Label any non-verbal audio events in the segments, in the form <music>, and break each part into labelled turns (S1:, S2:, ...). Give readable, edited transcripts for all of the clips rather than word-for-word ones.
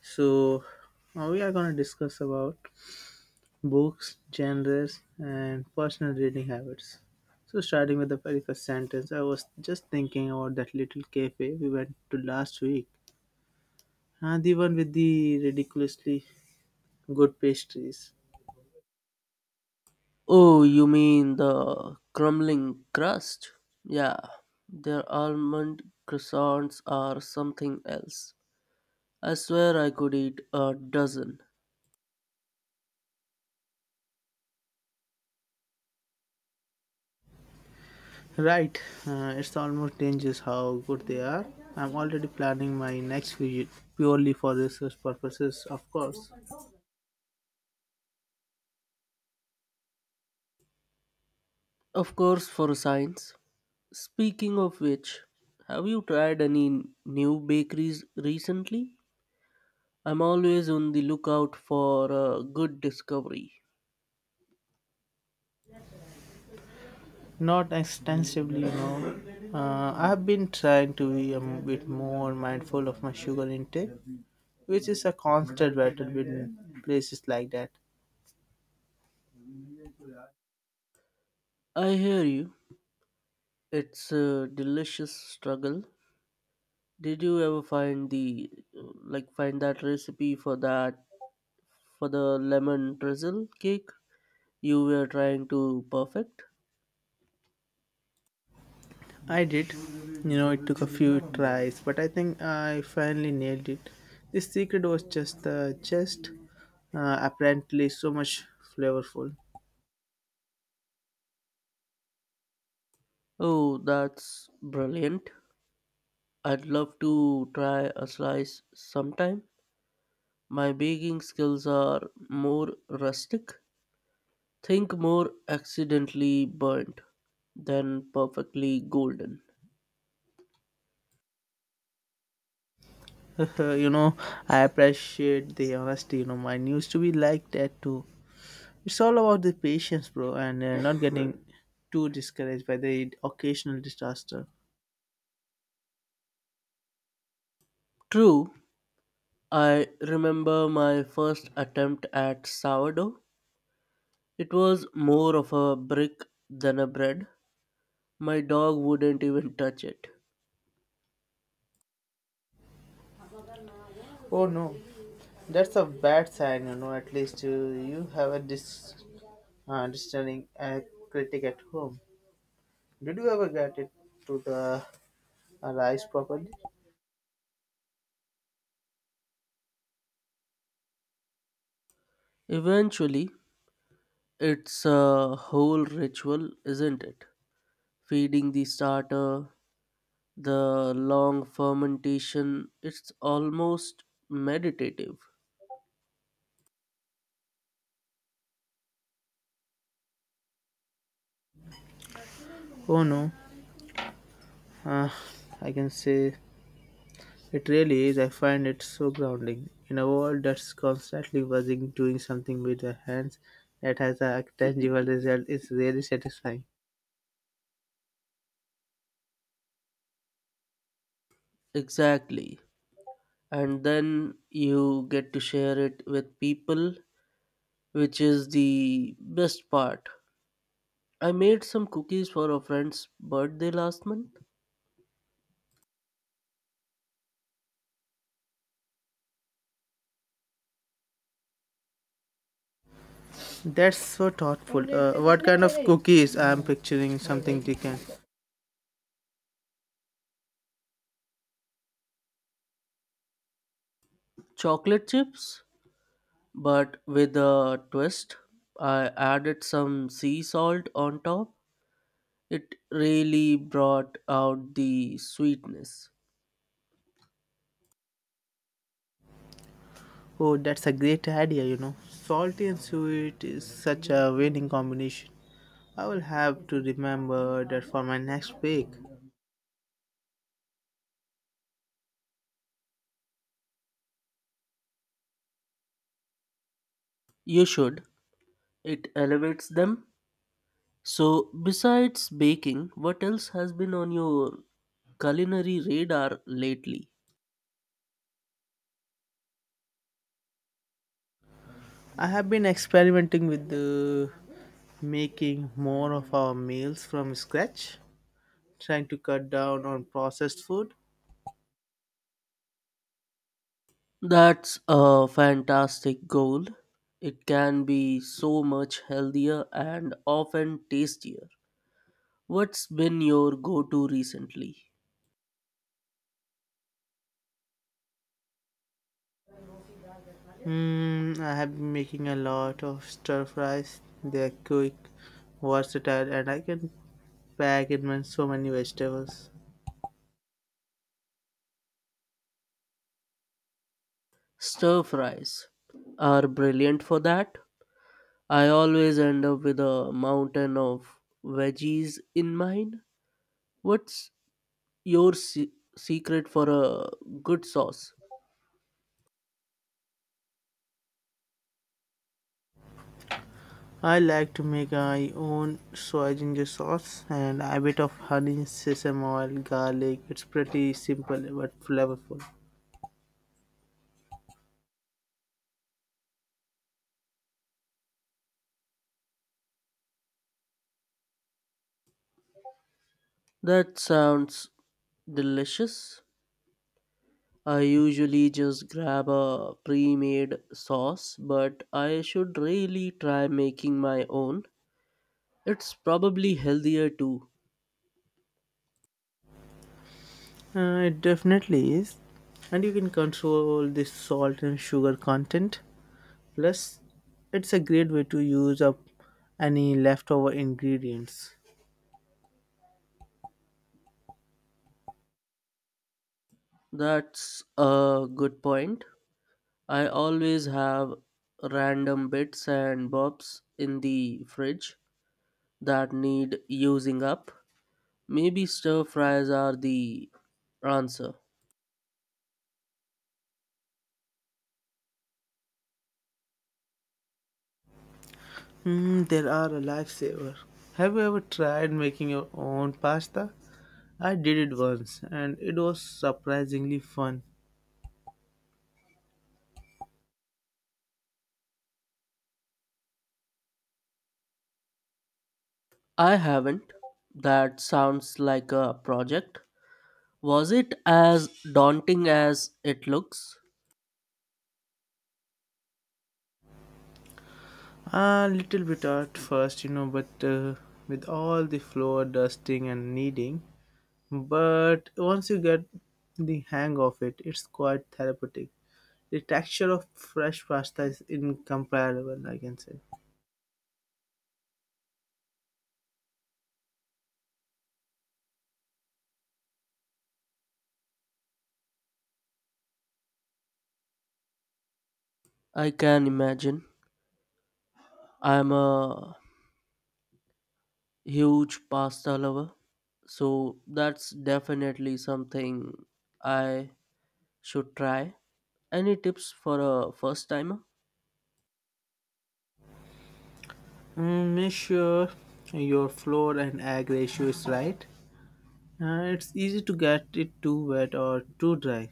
S1: So now we are going to discuss about books, genres, and personal reading habits. So starting with the very first sentence, I was just thinking about that little cafe we went to last week, and the one with the ridiculously good pastries.
S2: Oh, you mean the crumbling crust? Yeah, their almond croissants are something else. I swear I could eat a dozen.
S1: Right, it's almost dangerous how good they are. I'm already planning my next visit purely for research purposes, of course.
S2: Of course, for science. Speaking of which, have you tried any new bakeries recently? I'm always on the lookout for a good discovery.
S1: Not extensively, you know. I've been trying to be a bit more mindful of my sugar intake, which is a constant battle with places like that.
S2: I hear you. It's a delicious struggle. Did you ever find the like find that recipe for the lemon drizzle cake you were trying to perfect?
S1: I did. You know, it took a few tries, but I think I finally nailed it. The secret was just apparently so much flavorful.
S2: Oh, that's brilliant. I'd love to try a slice sometime. My baking skills are more rustic. Think more accidentally burnt than perfectly golden.
S1: <laughs> you know, I appreciate the honesty. You know, mine used to be like that too. It's all about the patience, bro, and not getting too discouraged by the occasional disaster.
S2: True, I remember my first attempt at sourdough. It was more of a brick than a bread. My dog wouldn't even touch it.
S1: Oh no, that's a bad sign, you know. At least you have a discerning critic at home. Did you ever get it to the rice properly?
S2: Eventually, it's a whole ritual, isn't it? Feeding the starter, the long fermentation, it's almost meditative.
S1: Oh no, uh, I can say it really is. I find it so grounding in a world that's constantly buzzing, doing something with your hands that has a tangible result is really satisfying.
S2: Exactly. And then you get to share it with people, which is the best part. I made some cookies for a friend's birthday last month.
S1: That's so thoughtful. What kind of cookies? I'm picturing something different.
S2: Chocolate chips, but with a twist. I added some sea salt on top. It really brought out the sweetness.
S1: Oh, that's a great idea, you know. Salty and sweet is such a winning combination. I will have to remember that for my next bake.
S2: You should. It elevates them. So, besides baking, what else has been on your culinary radar lately?
S1: I have been experimenting with the making more of our meals from scratch, trying to cut down on processed food.
S2: That's a fantastic goal. It can be so much healthier and often tastier. What's been your go to recently?
S1: Mm, I have been making a lot of stir fries. They're quick, versatile, and I can pack in my- so many vegetables.
S2: Stir fries are brilliant for that. I always end up with a mountain of veggies in mine. What's your secret for a good sauce?
S1: I like to make my own soy ginger sauce and a bit of honey, sesame oil, garlic. It's pretty simple but flavorful.
S2: That sounds delicious. I usually just grab a pre made sauce, but I should really try making my own. It's probably healthier too.
S1: It definitely is. And you can control the salt and sugar content. Plus, it's a great way to use up any leftover ingredients.
S2: That's a good point. I always have random bits and bobs in the fridge that need using up. Maybe stir fries are the answer.
S1: Hmm, there are a lifesaver. Have you ever tried making your own pasta? I did it once and it was surprisingly fun.
S2: I haven't. That sounds like a project. Was it as daunting as it looks?
S1: A little bit at first, you know, but with all the flour dusting and kneading. But once you get the hang of it, it's quite therapeutic. The texture of fresh pasta is incomparable, I can say.
S2: I can imagine. I'm a huge pasta lover, so that's definitely something I should try. Any tips for a first timer?
S1: Mm, make sure your flour and egg ratio is right. It's easy to get it too wet or too dry,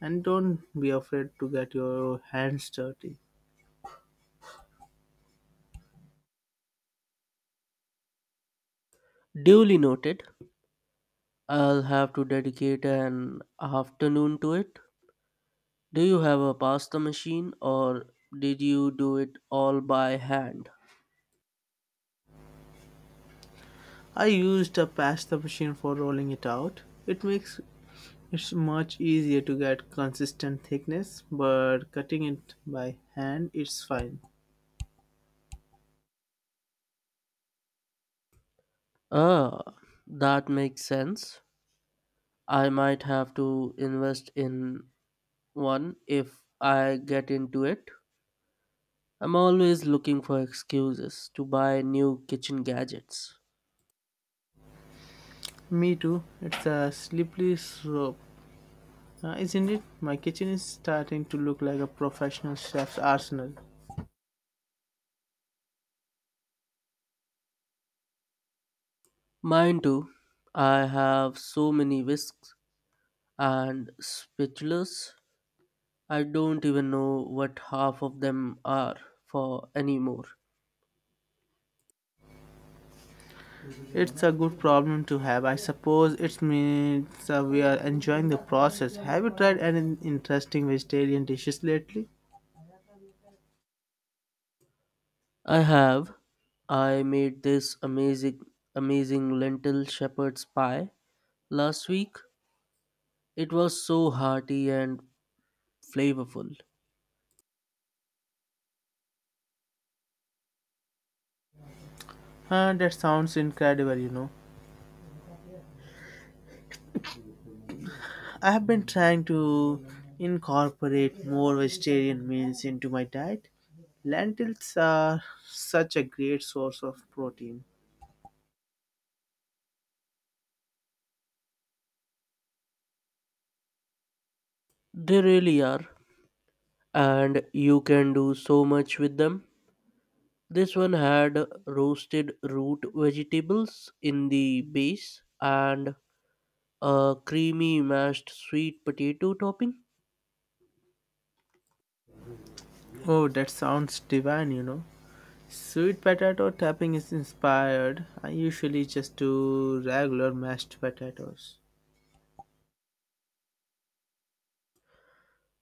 S1: and don't be afraid to get your hands dirty.
S2: Duly noted. I'll have to dedicate an afternoon to it. Do you have a pasta machine or did you do it all by hand?
S1: I used a pasta machine for rolling it out. It makes it much easier to get consistent thickness, but cutting it by hand it's fine.
S2: Ah, that makes sense. I might have to invest in one if I get into it. I'm always looking for excuses to buy new kitchen gadgets.
S1: Me too. It's a slippery slope, isn't it? My kitchen is starting to look like a professional chef's arsenal.
S2: Mine too. I have so many whisks and spatulas. I don't even know what half of them are for anymore.
S1: It's a good problem to have. I suppose it means we are enjoying the process. Have you tried any interesting vegetarian dishes lately?
S2: I have. I made this amazing lentil shepherd's pie last week. It was so hearty and flavorful.
S1: That sounds incredible, you know. I have been trying to incorporate more vegetarian meals into my diet. Lentils are such a great source of protein.
S2: They really are. And you can do so much with them. This one had roasted root vegetables in the base and a creamy mashed sweet potato topping.
S1: Oh, that sounds divine, you know. Sweet potato topping is inspired. I usually just do regular mashed potatoes.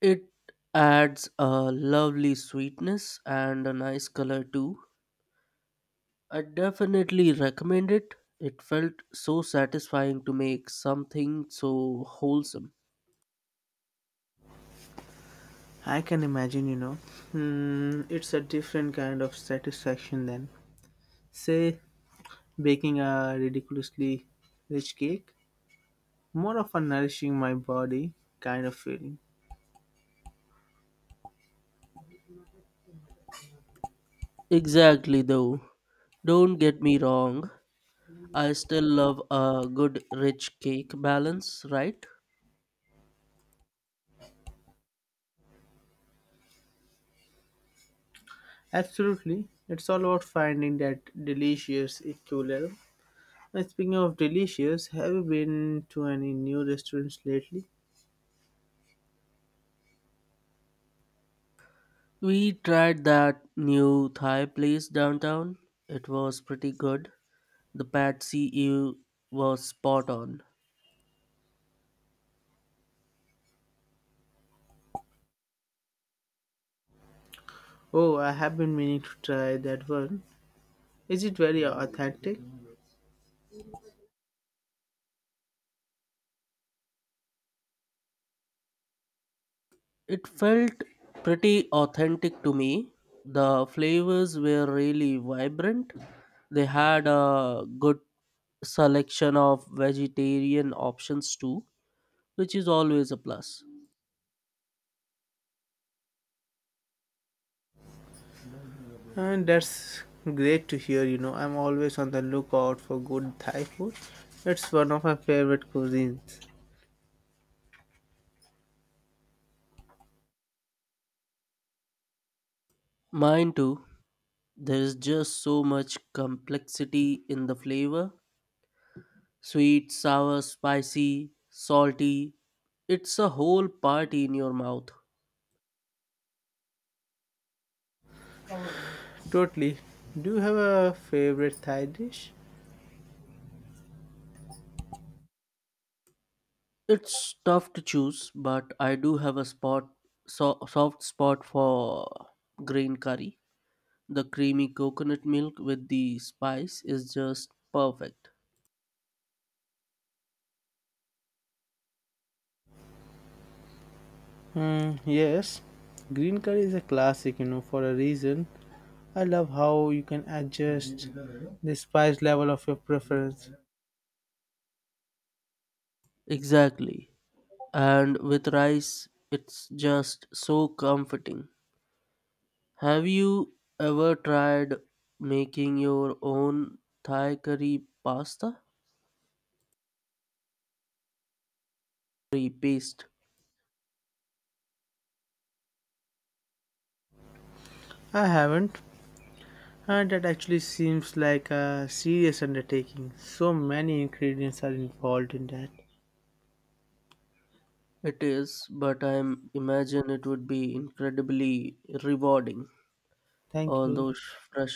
S2: It adds a lovely sweetness and a nice color too. I definitely recommend it. It felt so satisfying to make something so wholesome.
S1: I can imagine, you know. Hmm, it's a different kind of satisfaction than, say, baking a ridiculously rich cake. More of a nourishing my body kind of feeling.
S2: Exactly, though. Don't get me wrong, I still love a good rich cake balance, right?
S1: Absolutely. It's all about finding that delicious equilibrium. And speaking of delicious, have you been to any new restaurants lately?
S2: We tried that new Thai place downtown. It was pretty good. The pad see ew was spot on.
S1: Oh, I have been meaning to try that one. Is it very authentic?
S2: It felt pretty authentic to me. The flavors were really vibrant. They had a good selection of vegetarian options too, which is always a plus.
S1: And that's great to hear, you know. I'm always on the lookout for good Thai food. It's one of my favorite cuisines.
S2: Mine too, there is just so much complexity in the flavor, sweet, sour, spicy, salty. It's a whole party in your mouth.
S1: Totally. Do you have a favorite Thai dish?
S2: It's tough to choose, but I do have soft spot for green curry. The creamy coconut milk with the spice is just perfect.
S1: Hmm, yes. Green curry is a classic, you know, for a reason. I love how you can adjust the spice level of your preference.
S2: Exactly, and with rice it's just so comforting. Have you ever tried making your own Thai? Curry paste.
S1: I haven't, and that actually seems like a serious undertaking. So many ingredients are involved in that.
S2: It is, but I imagine it would be incredibly rewarding.
S1: Thank
S2: All
S1: you.
S2: those fresh